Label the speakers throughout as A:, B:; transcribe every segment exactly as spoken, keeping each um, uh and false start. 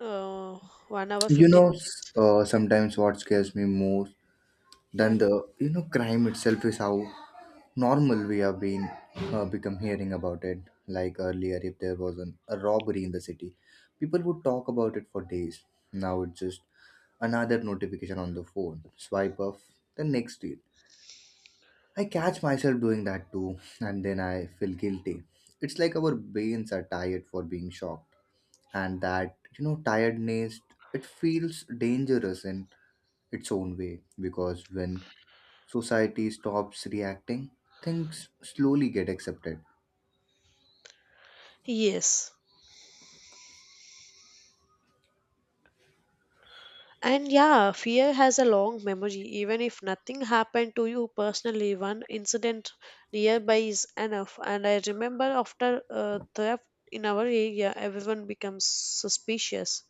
A: Uh, one hour,
B: You
A: fifteen
B: know, s-
A: minutes.
B: uh, sometimes what scares me more
A: Yeah.
B: than the you know crime itself is how normal we have been uh, become hearing about it. Like earlier, if there was an, a robbery in the city, people would talk about it for days. Now it's just another notification on the phone. Swipe off the next deal. I catch myself doing that too, and then I feel guilty. It's like our brains are tired for being shocked, and that you know tiredness, it feels dangerous and its own way because when society stops reacting, things slowly get accepted.
A: Yes. And yeah, fear has a long memory. Even if nothing happened to you personally, one incident nearby is enough. And I remember after a theft in our area, everyone becomes suspicious.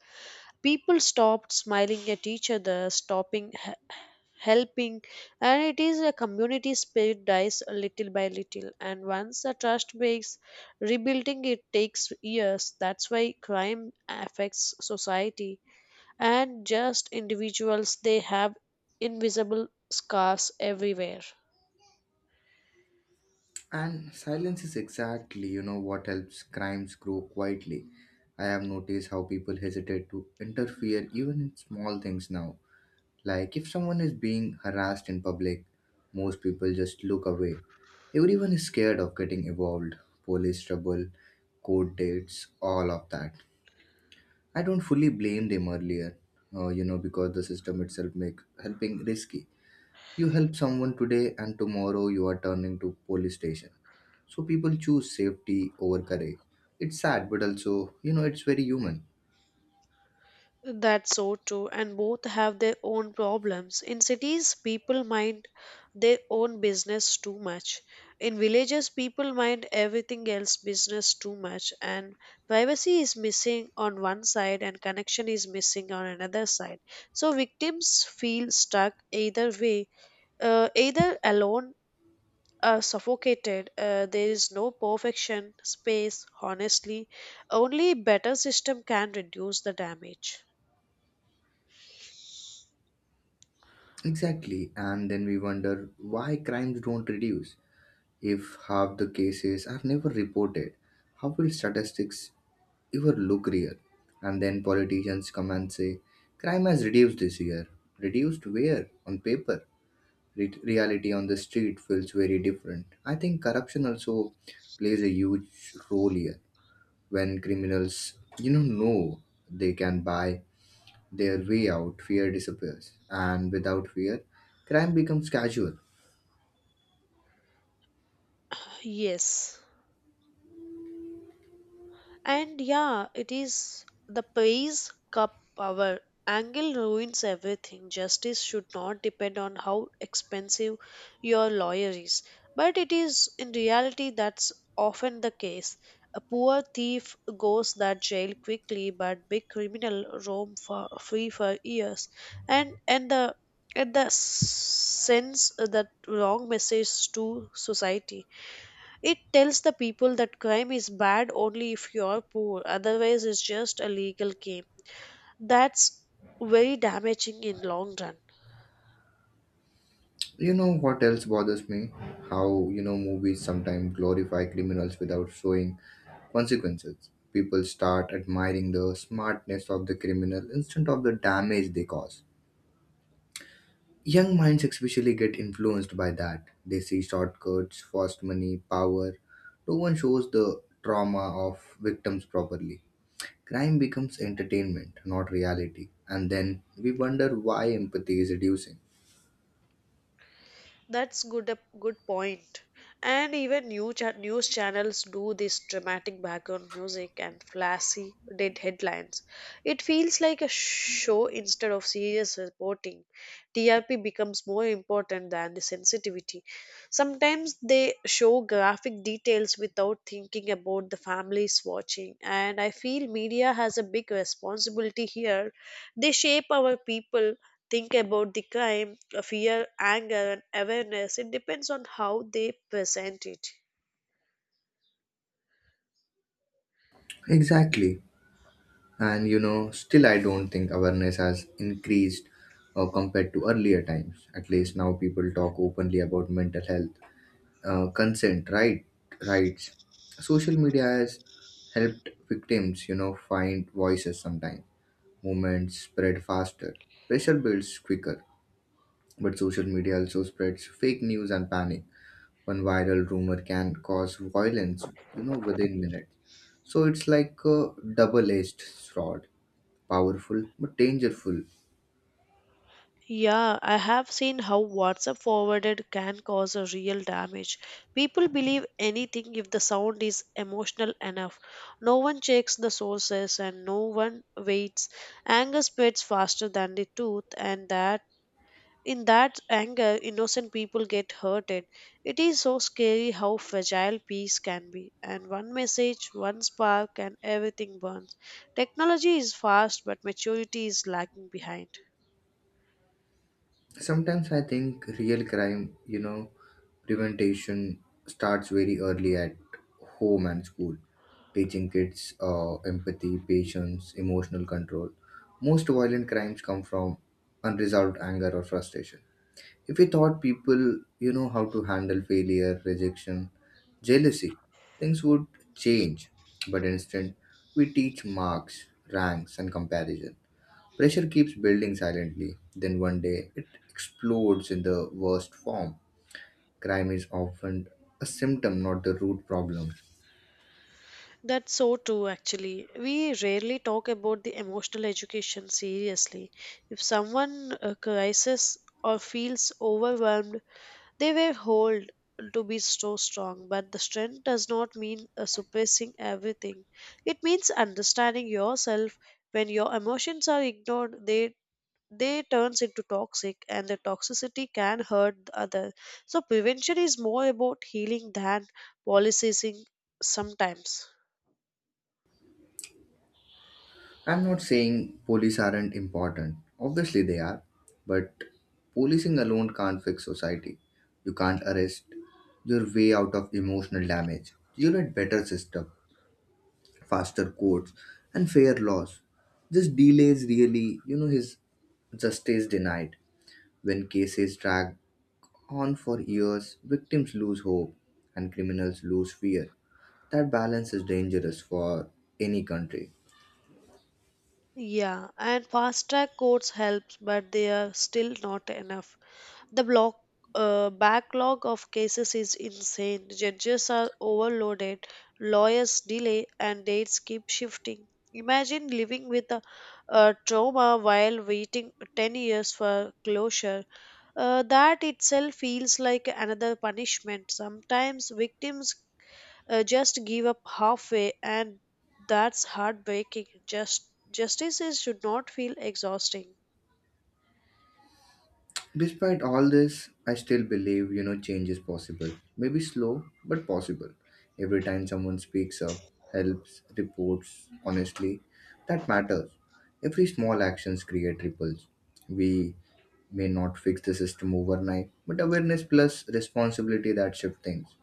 A: People stopped smiling at each other, stopping helping, and it is a community spirit dies little by little. And once the trust breaks, rebuilding it takes years. That's why crime affects society and just individuals. They have invisible scars everywhere.
B: And silence is exactly you know what helps crimes grow quietly. I have noticed how people hesitate to interfere even in small things now. Like if someone is being harassed in public, most people just look away. Everyone is scared of getting involved, police trouble, court dates, all of that. I don't fully blame them earlier, uh, you know, because the system itself makes helping risky. You help someone today, and tomorrow you are turning to police station. So people choose safety over courage. It's sad, but also, you know, it's very human.
A: That's so true, and both have their own problems. In cities, people mind their own business too much. In villages, people mind everything else business too much, and privacy is missing on one side, and connection is missing on another side. So victims feel stuck either way, uh, either alone. Or suffocated, uh, there is no perfection, space, honestly. Only better system can reduce the damage.
B: Exactly, and then we wonder why crimes don't reduce. If half the cases are never reported, how will statistics ever look real? And then politicians come and say, crime has reduced this year. Reduced where? On paper re- reality on the street feels very different. I think corruption also plays a huge role here. When criminals, you know, know they can buy their way out, fear disappears, and without fear, crime becomes casual.
A: Yes. And yeah, it is the pays cup power. Angle ruins everything. Justice should not depend on how expensive your lawyer is. But it is in reality that's often the case. A poor thief goes that jail quickly, but big criminal roam for free for years. And and the and the sense that wrong message to society. It tells the people that crime is bad only if you are poor, otherwise it's just a legal game. That's very damaging in long run.
B: You know what else bothers me? How you know movies sometimes glorify criminals without showing consequences. People start admiring the smartness of the criminal instead of the damage they cause. Young minds especially get influenced by that. They see shortcuts, fast money, power. No one shows the trauma of victims properly. Crime becomes entertainment, not reality. And then we wonder why empathy is reducing.
A: That's good a good point. And even new cha- news channels do this dramatic background music and flashy dead headlines. It feels like a show instead of serious reporting. T R P becomes more important than the sensitivity. Sometimes they show graphic details without thinking about the families watching, and I feel media has a big responsibility here. They shape our people think about the crime, uh, fear, anger, and awareness. It depends on how they present it.
B: Exactly. And you know, still I don't think awareness has increased uh, compared to earlier times. At least now people talk openly about mental health, uh, consent right rights. Social media has helped victims you know find voices sometimes. Movements spread faster, pressure builds quicker, but social media also spreads fake news and panic. One viral rumor can cause violence you know within minutes. So it's like a double-edged sword, powerful but dangerous.
A: Yeah, I have seen how WhatsApp forwarded can cause a real damage. People believe anything if the sound is emotional enough. No one checks the sources and no one waits. Anger spreads faster than the truth, and that in that anger, innocent people get hurted. It is so scary how fragile peace can be. And one message, one spark, and everything burns. Technology is fast, but maturity is lagging behind.
B: Sometimes I think real crime, you know, prevention starts very early at home and school, teaching kids uh, empathy, patience, emotional control. Most violent crimes come from unresolved anger or frustration. If we taught people, you know, how to handle failure, rejection, jealousy, things would change. But instead, we teach marks, ranks, and comparison. Pressure keeps building silently, then one day it explodes in the worst form. Crime is often a symptom, not the root problem.
A: That's so true, actually. We rarely talk about the emotional education seriously. If someone uh, crisis or feels overwhelmed, they were hold to be so strong, but the strength does not mean uh, suppressing everything. It means understanding yourself. When your emotions are ignored, they they turns into toxic, and the toxicity can hurt the other. So prevention is more about healing than policing sometimes.
B: I'm not saying police aren't important. Obviously, they are. But policing alone can't fix society. You can't arrest your way out of emotional damage. You need better system, faster courts, and fair laws. This delays really, you know, his justice denied. When cases drag on for years, victims lose hope and criminals lose fear. That balance is dangerous for any country.
A: Yeah, and fast track courts helps, but they are still not enough. The block uh, backlog of cases is insane. Judges are overloaded, lawyers delay, and dates keep shifting. Imagine living with a, a trauma while waiting ten years for closure. Uh, that itself feels like another punishment. Sometimes victims uh, just give up halfway, and that's heartbreaking. Just justice is, should not feel exhausting.
B: Despite all this, I still believe you know change is possible. Maybe slow, but possible. Every time someone speaks up, helps, reports honestly, that matters. Every small actions create ripples. We may not fix the system overnight, but awareness plus responsibility that shift things.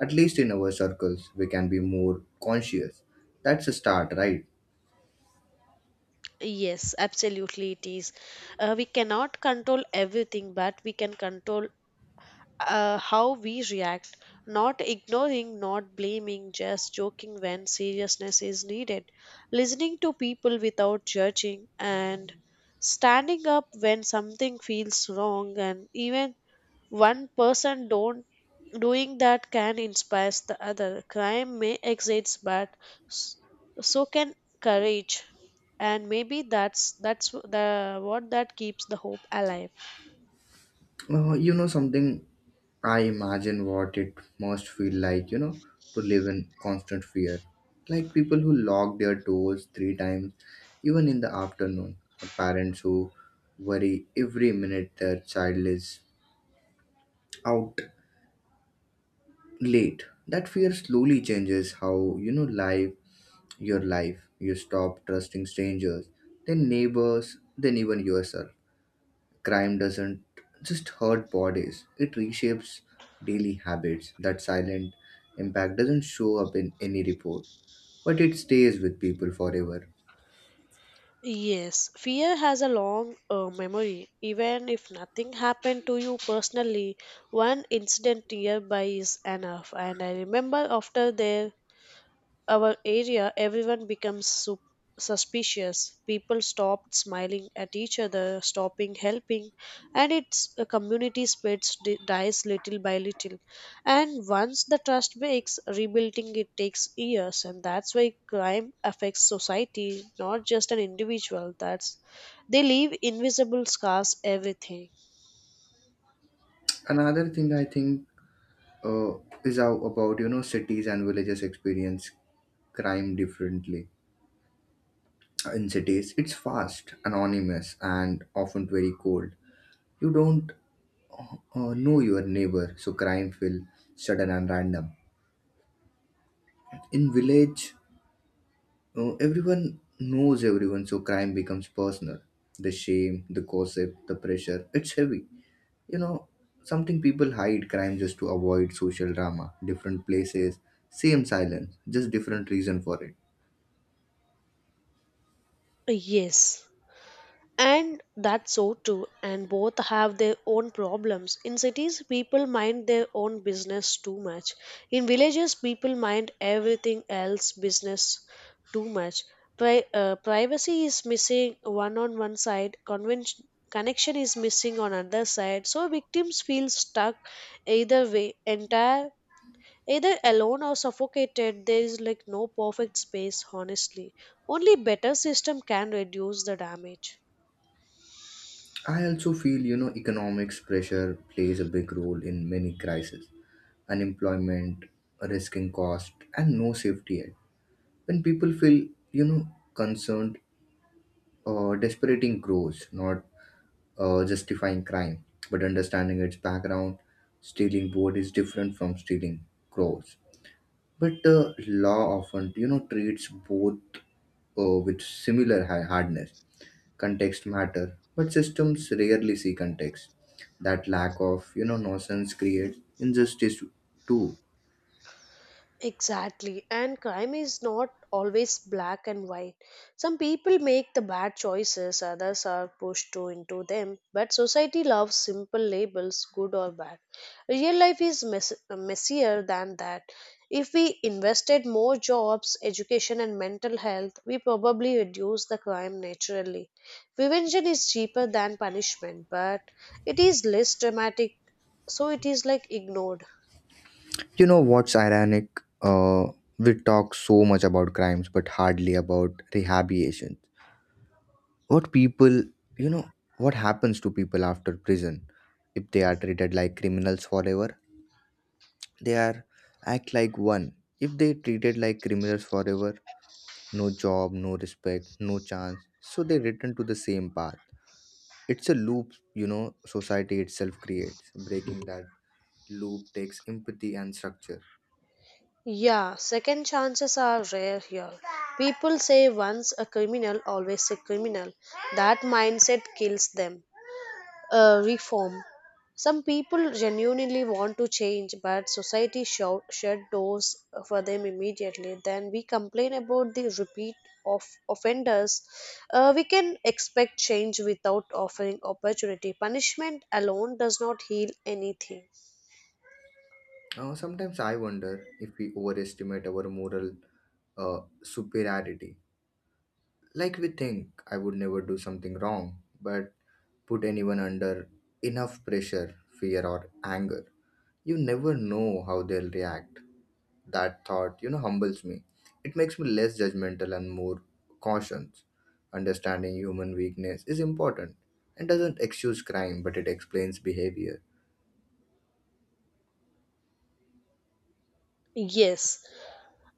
B: At least in our circles, we can be more conscious. That's a start, right?
A: Yes, absolutely, it is. Uh, we cannot control everything, but we can control uh, how we react. Not ignoring, not blaming, just joking when seriousness is needed. Listening to people without judging, and standing up when something feels wrong, and even one person don't doing that can inspire the other. Crime may exist, but s- so can courage. And maybe that's that's the what that keeps the hope alive.
B: Uh, you know something, I imagine what it must feel like, you know, to live in constant fear. Like people who lock their doors three times, even in the afternoon, or parents who worry every minute their child is out late. That fear slowly changes how, you know, life your life. You stop trusting strangers, then neighbors, then even yourself. Crime doesn't just hurt bodies, it reshapes daily habits. That silent impact doesn't show up in any report, but it stays with people forever.
A: Yes, fear has a long uh, memory. Even if nothing happened to you personally, one incident nearby is enough. And I remember after there our area, everyone becomes sup- suspicious. People stopped smiling at each other, stopping helping, and its a community spreads di- dies little by little. And once the trust breaks, rebuilding it takes years, and that's why crime affects society, not just an individual. That's they leave invisible scars. Everything.
B: Another thing I think, uh, is how about you know cities and villages experience crime differently. In cities, it's fast, anonymous, and often very cold. You don't or know your neighbor, so crime feel sudden and random in village, uh, everyone knows everyone, so crime becomes personal. The shame, the gossip, the pressure, it's heavy. You know something, people hide crime just to avoid social drama. Different places, same silence, just different reason for it.
A: Yes. And that's so too, and both have their own problems. In cities, people mind their own business too much. In villages, people mind everything else business too much. Pri- uh, privacy is missing one on one side, convention connection is missing on other side. So victims feel stuck either way, entire either alone or suffocated. There is like no perfect space, honestly. Only better system can reduce the damage.
B: I also feel you know economics pressure plays a big role in many crises, unemployment, risking cost, and no safety yet. When people feel you know concerned, uh, desperating grows, not uh, justifying crime, but understanding its background. Stealing board is different from stealing crows, but the law often you know treats both uh, with similar ha- hardness. Context matter, but systems rarely see context. That lack of you know nonsense creates injustice too.
A: Exactly. And crime is not always black and white. Some people make the bad choices, others are pushed to into them. But society loves simple labels, good or bad. Real life is mess- messier than that. If we invested more jobs, education, and mental health, we probably reduce the crime naturally. Prevention is cheaper than punishment, but it is less dramatic, so it is like ignored.
B: You know what's ironic? Uh, we talk so much about crimes, but hardly about rehabilitation. What people, you know, what happens to people after prison if they are treated like criminals forever? They are act like one. If they treated like criminals forever, no job, no respect, no chance. So they return to the same path. It's a loop, you know, society itself creates. Breaking that loop takes empathy and structure.
A: Yeah, second chances are rare here. People say once a criminal, always a criminal. That mindset kills them. Uh, reform. Some people genuinely want to change, but society show, shut doors for them immediately. Then we complain about the repeat of offenders. Uh, we can expect change without offering opportunity. Punishment alone does not heal anything.
B: Uh, sometimes I wonder if we overestimate our moral uh, superiority. Like we think I would never do something wrong, but put anyone under enough pressure, fear, or anger. You never know how they'll react. That thought, you know, humbles me. It makes me less judgmental and more cautious. Understanding human weakness is important and doesn't excuse crime, but it explains behavior.
A: Yes,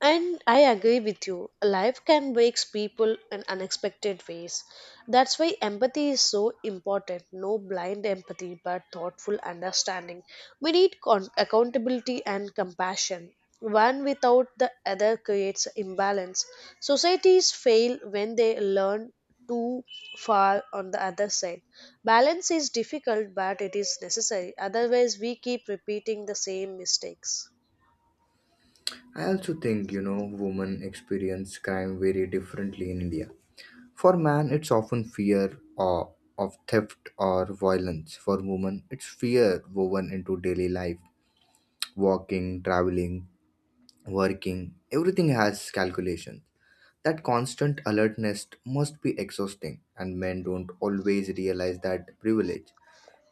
A: and I agree with you. Life can wake people in unexpected ways. That's why empathy is so important. No blind empathy, but thoughtful understanding. We need con- accountability and compassion. One without the other creates imbalance. Societies fail when they learn too far on the other side. Balance is difficult, but it is necessary. Otherwise, we keep repeating the same mistakes.
B: I also think, you know, women experience crime very differently in India. For man, it's often fear or of theft or violence. For women, it's fear woven into daily life, walking, traveling, working. Everything has calculations. That constant alertness must be exhausting, and men don't always realize that privilege.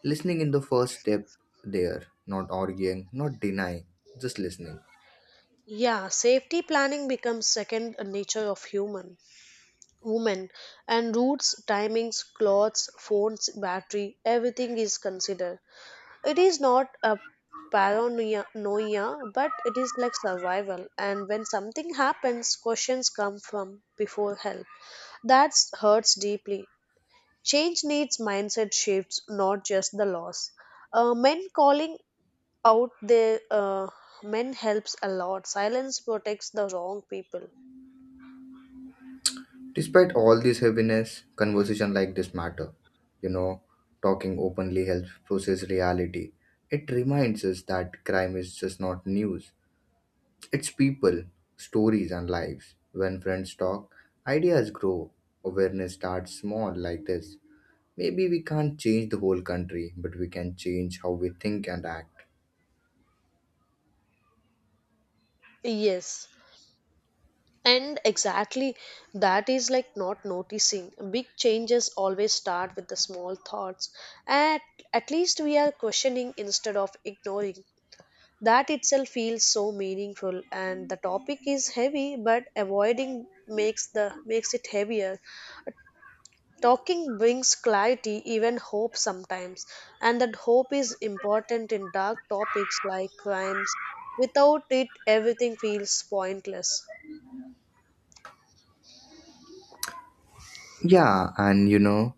B: Listening in the first step there, not arguing, not denying, just listening.
A: Yeah, safety planning becomes second nature of human women and routes, timings, clothes, phones, battery, everything is considered. It is not a paranoia noia, but it is like survival, and when something happens questions come from before help. That hurts deeply. Change needs mindset shifts, not just the loss. Uh, men calling out there uh, men helps a lot. Silence protects the wrong people.
B: Despite all this heaviness, conversation like this matter. You know, talking openly helps process reality. It reminds us that crime is just not news. It's people, stories and lives. When friends talk, ideas grow. Awareness starts small like this. Maybe we can't change the whole country, but we can change how we think and act.
A: Yes, and exactly, that is like not noticing big changes always start with the small thoughts. At at least we are questioning instead of ignoring. That itself feels so meaningful, and the topic is heavy but avoiding makes the makes it heavier. Talking brings clarity, even hope sometimes, and that hope is important in dark topics like crimes. Without it, everything feels pointless.
B: Yeah, and you know,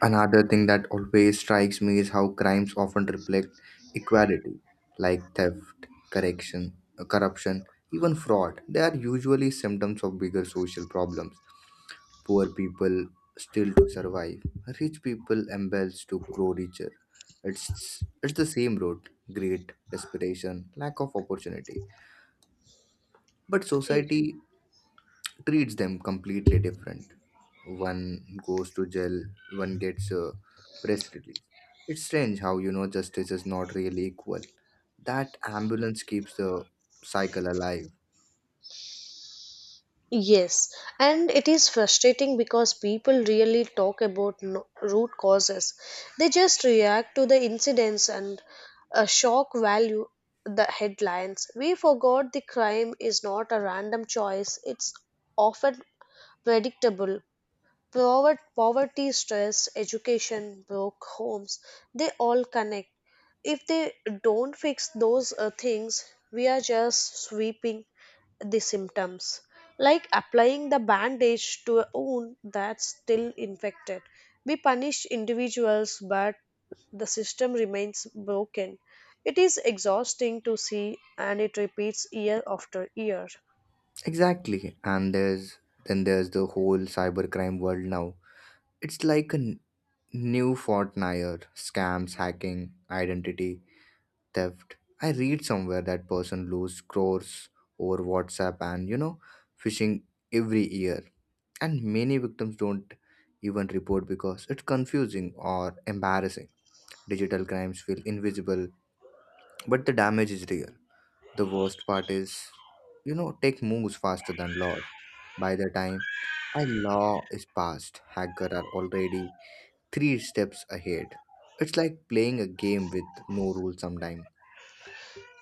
B: Another thing that always strikes me is how crimes often reflect equality, like theft, correction, uh, corruption, even fraud. They are usually symptoms of bigger social problems. Poor people still to survive, rich people embellish to grow richer. It's it's the same road: greed, desperation, lack of opportunity. But
A: Y-
B: society treats them completely different. One goes to jail, one gets a press release. It's strange how you know justice is not really equal. That ambulance keeps the cycle alive.
A: Yes, and it is frustrating because people really talk about no- root causes. They just react to the incidents and uh, shock value the headlines. We forgot the crime is not a random choice, it's often predictable. Pover- Poverty, stress, education, broke homes, they all connect. If they don't fix those uh, things, we are just sweeping the symptoms, like applying the bandage to a wound that's still infected. We punish individuals, but the system remains broken. It is exhausting to see, and it repeats year after year.
B: Exactly, and there's then there's the whole cybercrime world now. It's like a n- new Fortnite scams, hacking, identity theft. I read somewhere that person lose crores over WhatsApp and you know phishing every year, and many victims don't even report because it's confusing or embarrassing. Digital crimes feel invisible, but the damage is real. The worst part is, you know, tech moves faster than laws. By the time a law is passed, hackers are already three steps ahead. It's like playing a game with no rules sometime.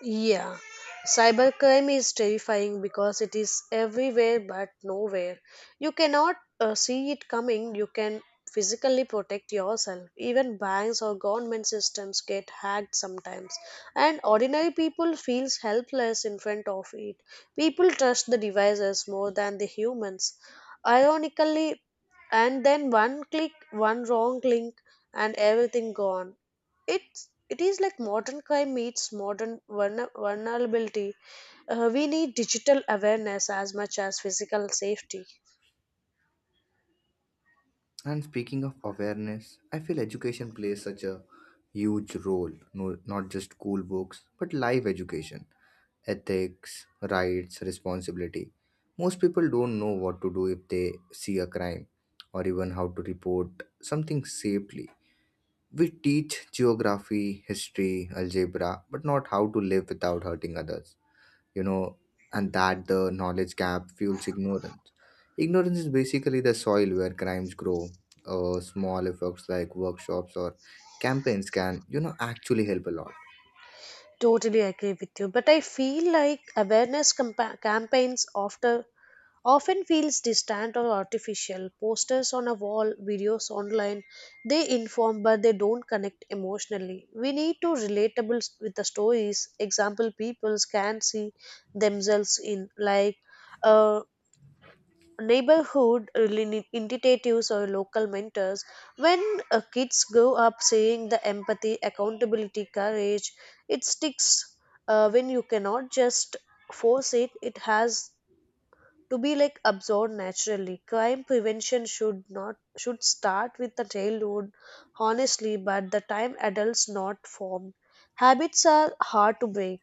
A: Yeah, cybercrime is terrifying because it is everywhere but nowhere. You cannot uh, see it coming. You can physically protect yourself. Even banks or government systems get hacked sometimes, and ordinary people feels helpless in front of it. People trust the devices more than the humans. Ironically, and then one click, one wrong link, and everything gone. It's it is like modern crime meets modern vulner- vulnerability. Uh, we need digital awareness as much as physical safety.
B: And speaking of awareness, I feel education plays such a huge role, no, not just school books, but life education, ethics, rights, responsibility. Most people don't know what to do if they see a crime or even how to report something safely. We teach geography, history, algebra, but not how to live without hurting others. You know, and that the knowledge gap fuels ignorance. Ignorance is basically the soil where crimes grow. Uh, small efforts like workshops or campaigns can, you know, actually help a lot.
A: Totally agree with you, but I feel like awareness campa- campaigns after often feels distant or artificial. Posters on a wall, videos online, they inform but they don't connect emotionally. We need to relatable s- with the stories example people can see themselves in. Like uh, neighborhood reli- initiatives or local mentors. When uh, kids grow up seeing the empathy, accountability, courage, it sticks. Uh, when you cannot just force it it has to be like absorbed naturally. Crime prevention should not should start with the childhood, honestly, but the time adults not formed habits are hard to break.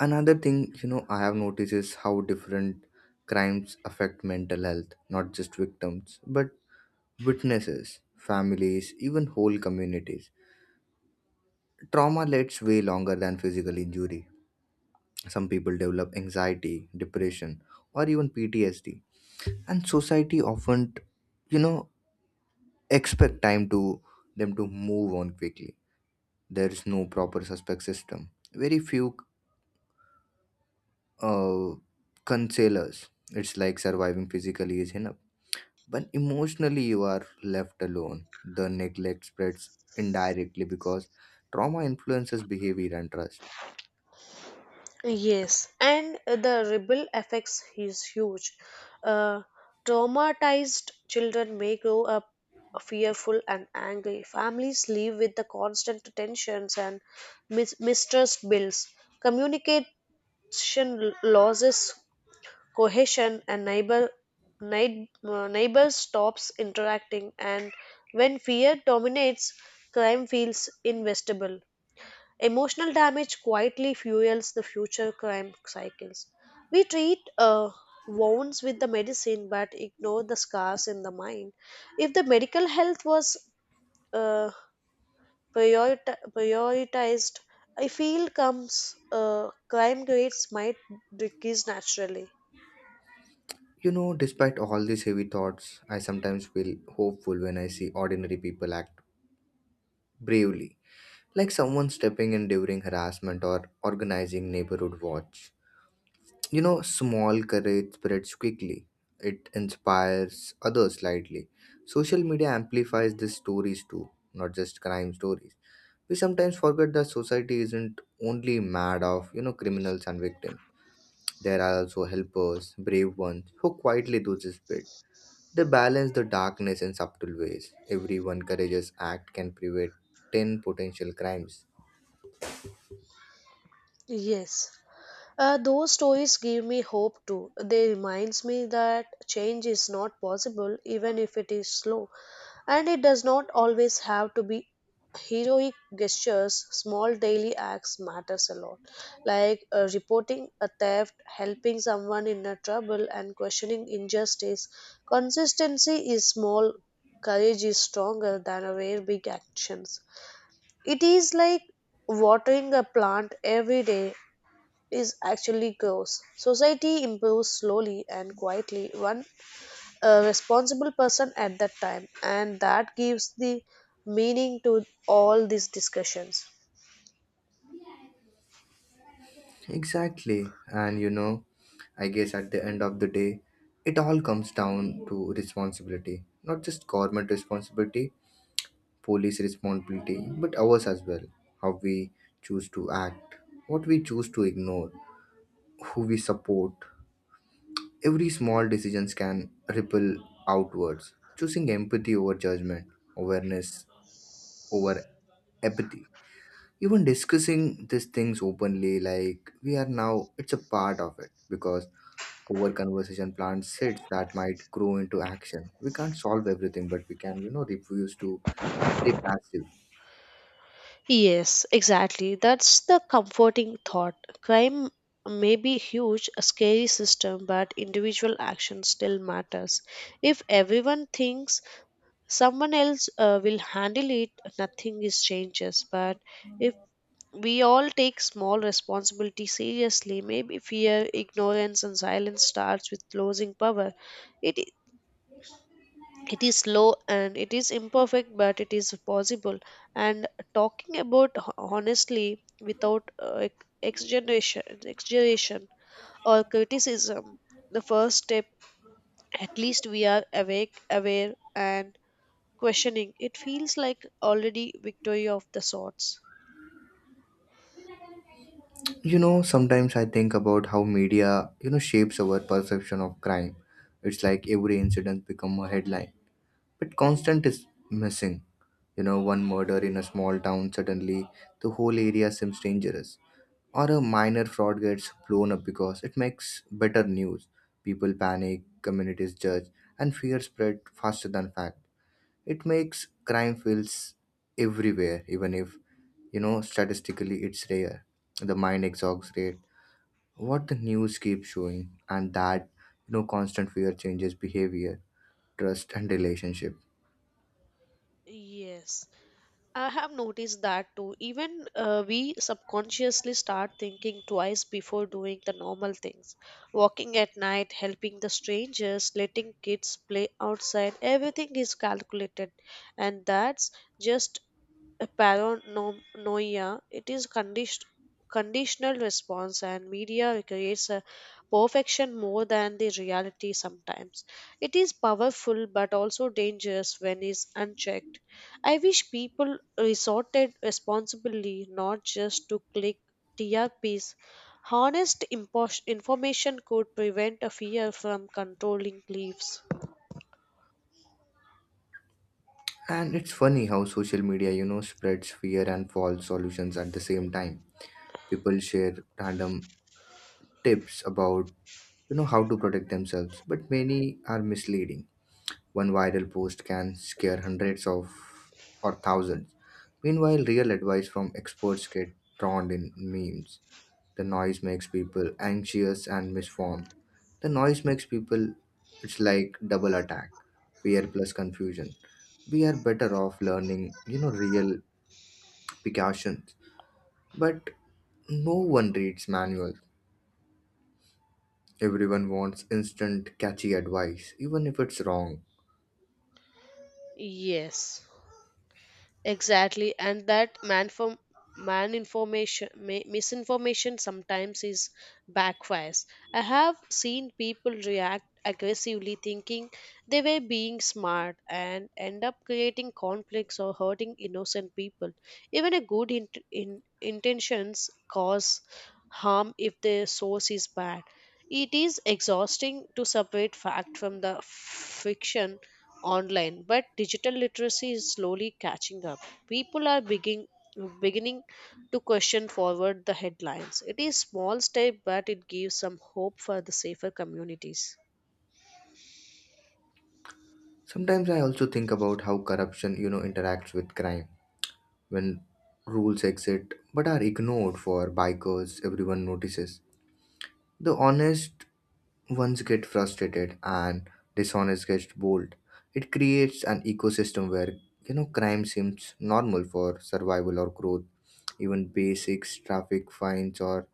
B: Another thing, you know, I have noticed is how different crimes affect mental health, not just victims, but witnesses, families, even whole communities. Trauma lasts way longer than physical injury. Some people develop anxiety, depression, or even P T S D. And society often, you know, expect time to them to move on quickly. There is no proper suspect system. Very few uh, concealers. It's like surviving physically is enough. But emotionally, you are left alone. The neglect spreads indirectly because trauma influences behavior and trust.
A: Yes, and the ripple effects is huge. Uh, traumatized children may grow up fearful and angry. Families live with the constant tensions and mis- mistrust builds. Communication l- loses cohesion, and neighbor neigh- uh, neighbors stops interacting. And when fear dominates, crime feels investable. Emotional damage quietly fuels the future crime cycles. We treat uh, wounds with the medicine but ignore the scars in the mind. If the medical health was uh, priorit- prioritized, I feel comes uh, crime rates might decrease naturally.
B: You know, despite all these heavy thoughts, I sometimes feel hopeful when I see ordinary people act bravely, like someone stepping in during harassment or organizing neighborhood watch. You know, small courage spreads quickly. It inspires others slightly. Social media amplifies these stories too, not just crime stories. We sometimes forget that society isn't only mad of you know criminals and victims. There are also helpers, brave ones who quietly do this bit. They balance the darkness in subtle ways. Every one courageous act can prevent ten potential crimes.
A: Yes. Uh, those stories give me hope too. They reminds me that change is not possible even if it is slow. And it does not always have to be heroic gestures, small daily acts matters a lot. Like uh, reporting a theft, helping someone in a trouble, and questioning injustice. Consistency is small, courage is stronger than a rare big actions. It is like watering a plant every day is actually grows. Society improves slowly and quietly, one a responsible person at that time, and that gives the meaning to all these discussions.
B: Exactly, and you know I guess at the end of the day it all comes down to responsibility, not just government responsibility, police responsibility, but ours as well. How we choose to act, what we choose to ignore, who we support. Every small decisions can ripple outwards. Choosing empathy over judgment, awareness over apathy. Even discussing these things openly, like we are now, it's a part of it because over conversation plants seeds that might grow into action. We can't solve everything, but we can, you know, refuse to stay passive.
A: Yes, exactly. That's the comforting thought. Crime may be huge, a scary system, but individual action still matters. If everyone thinks someone else uh, will handle it, nothing is changes. But if we all take small responsibility seriously, maybe fear, ignorance, and silence starts with losing power. It it is slow and it is imperfect but it is possible. And talking about ho- honestly without uh, ex- exaggeration exaggeration or criticism, the first step. At least we are awake aware and questioning. It feels like already victory of the sorts.
B: You know, sometimes I think about how media, you know, shapes our perception of crime. It's like every incident become a headline. But Constant is missing. You know, one murder in a small town, suddenly the whole area seems dangerous. Or a minor fraud gets blown up because it makes better news. People panic, communities judge, and fear spread faster than fact. It makes crime feels everywhere, even if, you know, statistically it's rare. The mind exhausts rate, what the news keeps showing, and that, you know, constant fear changes behavior, trust, and relationship.
A: Yes, I have noticed that too. Even uh, we subconsciously start thinking twice before doing the normal things. Walking at night, helping the strangers, letting kids play outside, everything is calculated. And that's just a paranoia. It is condition, conditional response, and media creates a perfection more than the reality sometimes. It is powerful but also dangerous when is unchecked. I wish people resorted responsibly, not just to click T R Ps. Honest impos- information could prevent a fear from controlling beliefs.
B: And it's funny how social media, you know, spreads fear and false solutions at the same time. People share random tips about, you know, how to protect themselves, but many are misleading. One viral post can scare hundreds of or thousands. Meanwhile, real advice from experts get drowned in memes. The noise makes people anxious and misformed. The noise makes people, it's like double attack, fear plus confusion. We are better off learning, you know, real precautions. But no one reads manuals. Everyone wants instant, catchy advice, even if it's wrong.
A: Yes. Exactly, and that man for man information mi- misinformation sometimes is backfires. I have seen people react aggressively thinking they were being smart and end up creating conflicts or hurting innocent people. Even a good int in intentions cause harm if the source is bad. It is exhausting to separate fact from the fiction online, but digital literacy is slowly catching up. People are begin, beginning to question forward the headlines. It is small step, but it gives some hope for the safer communities.
B: Sometimes I also think about how corruption, you know, interacts with crime. When rules exist but are ignored for bikers, everyone notices. The honest ones get frustrated and dishonest gets bold. It creates an ecosystem where, you know, crime seems normal for survival or growth. Even basics, traffic fines or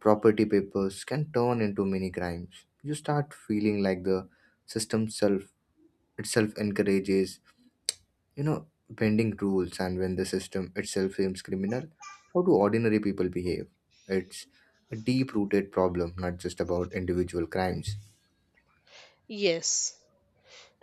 B: property papers can turn into mini crimes. You start feeling like the system self itself encourages, you know, bending rules, and when the system itself seems criminal, how do ordinary people behave? It's a deep rooted problem, not just about individual crimes.
A: Yes,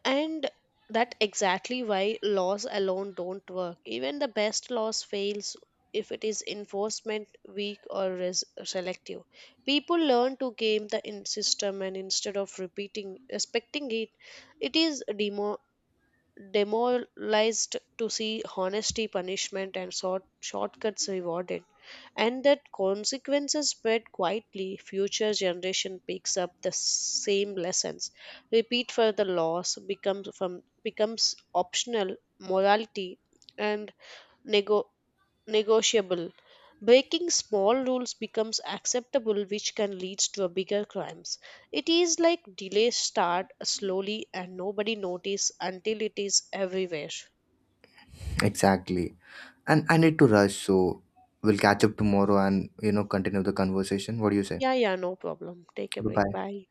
A: and that exactly why laws alone don't work. Even the best laws fails if it is enforcement weak or res- selective. People learn to game the in- system and instead of repeating respecting it, it is demo- demoralized to see honesty punishment and short, shortcuts rewarded, and that consequences spread quietly future generation picks up the same lessons. Repeat for the loss becomes from becomes optional morality and nego- negotiable. Breaking small rules becomes acceptable which can lead to a bigger crimes. It is like delay start slowly and nobody notice until it is everywhere.
B: Exactly. And I need to rush, so we'll catch up tomorrow and you know continue the conversation. What do you say?
A: Yeah, yeah, no problem. Take a
B: Bye
A: break.
B: bye.
A: Bye.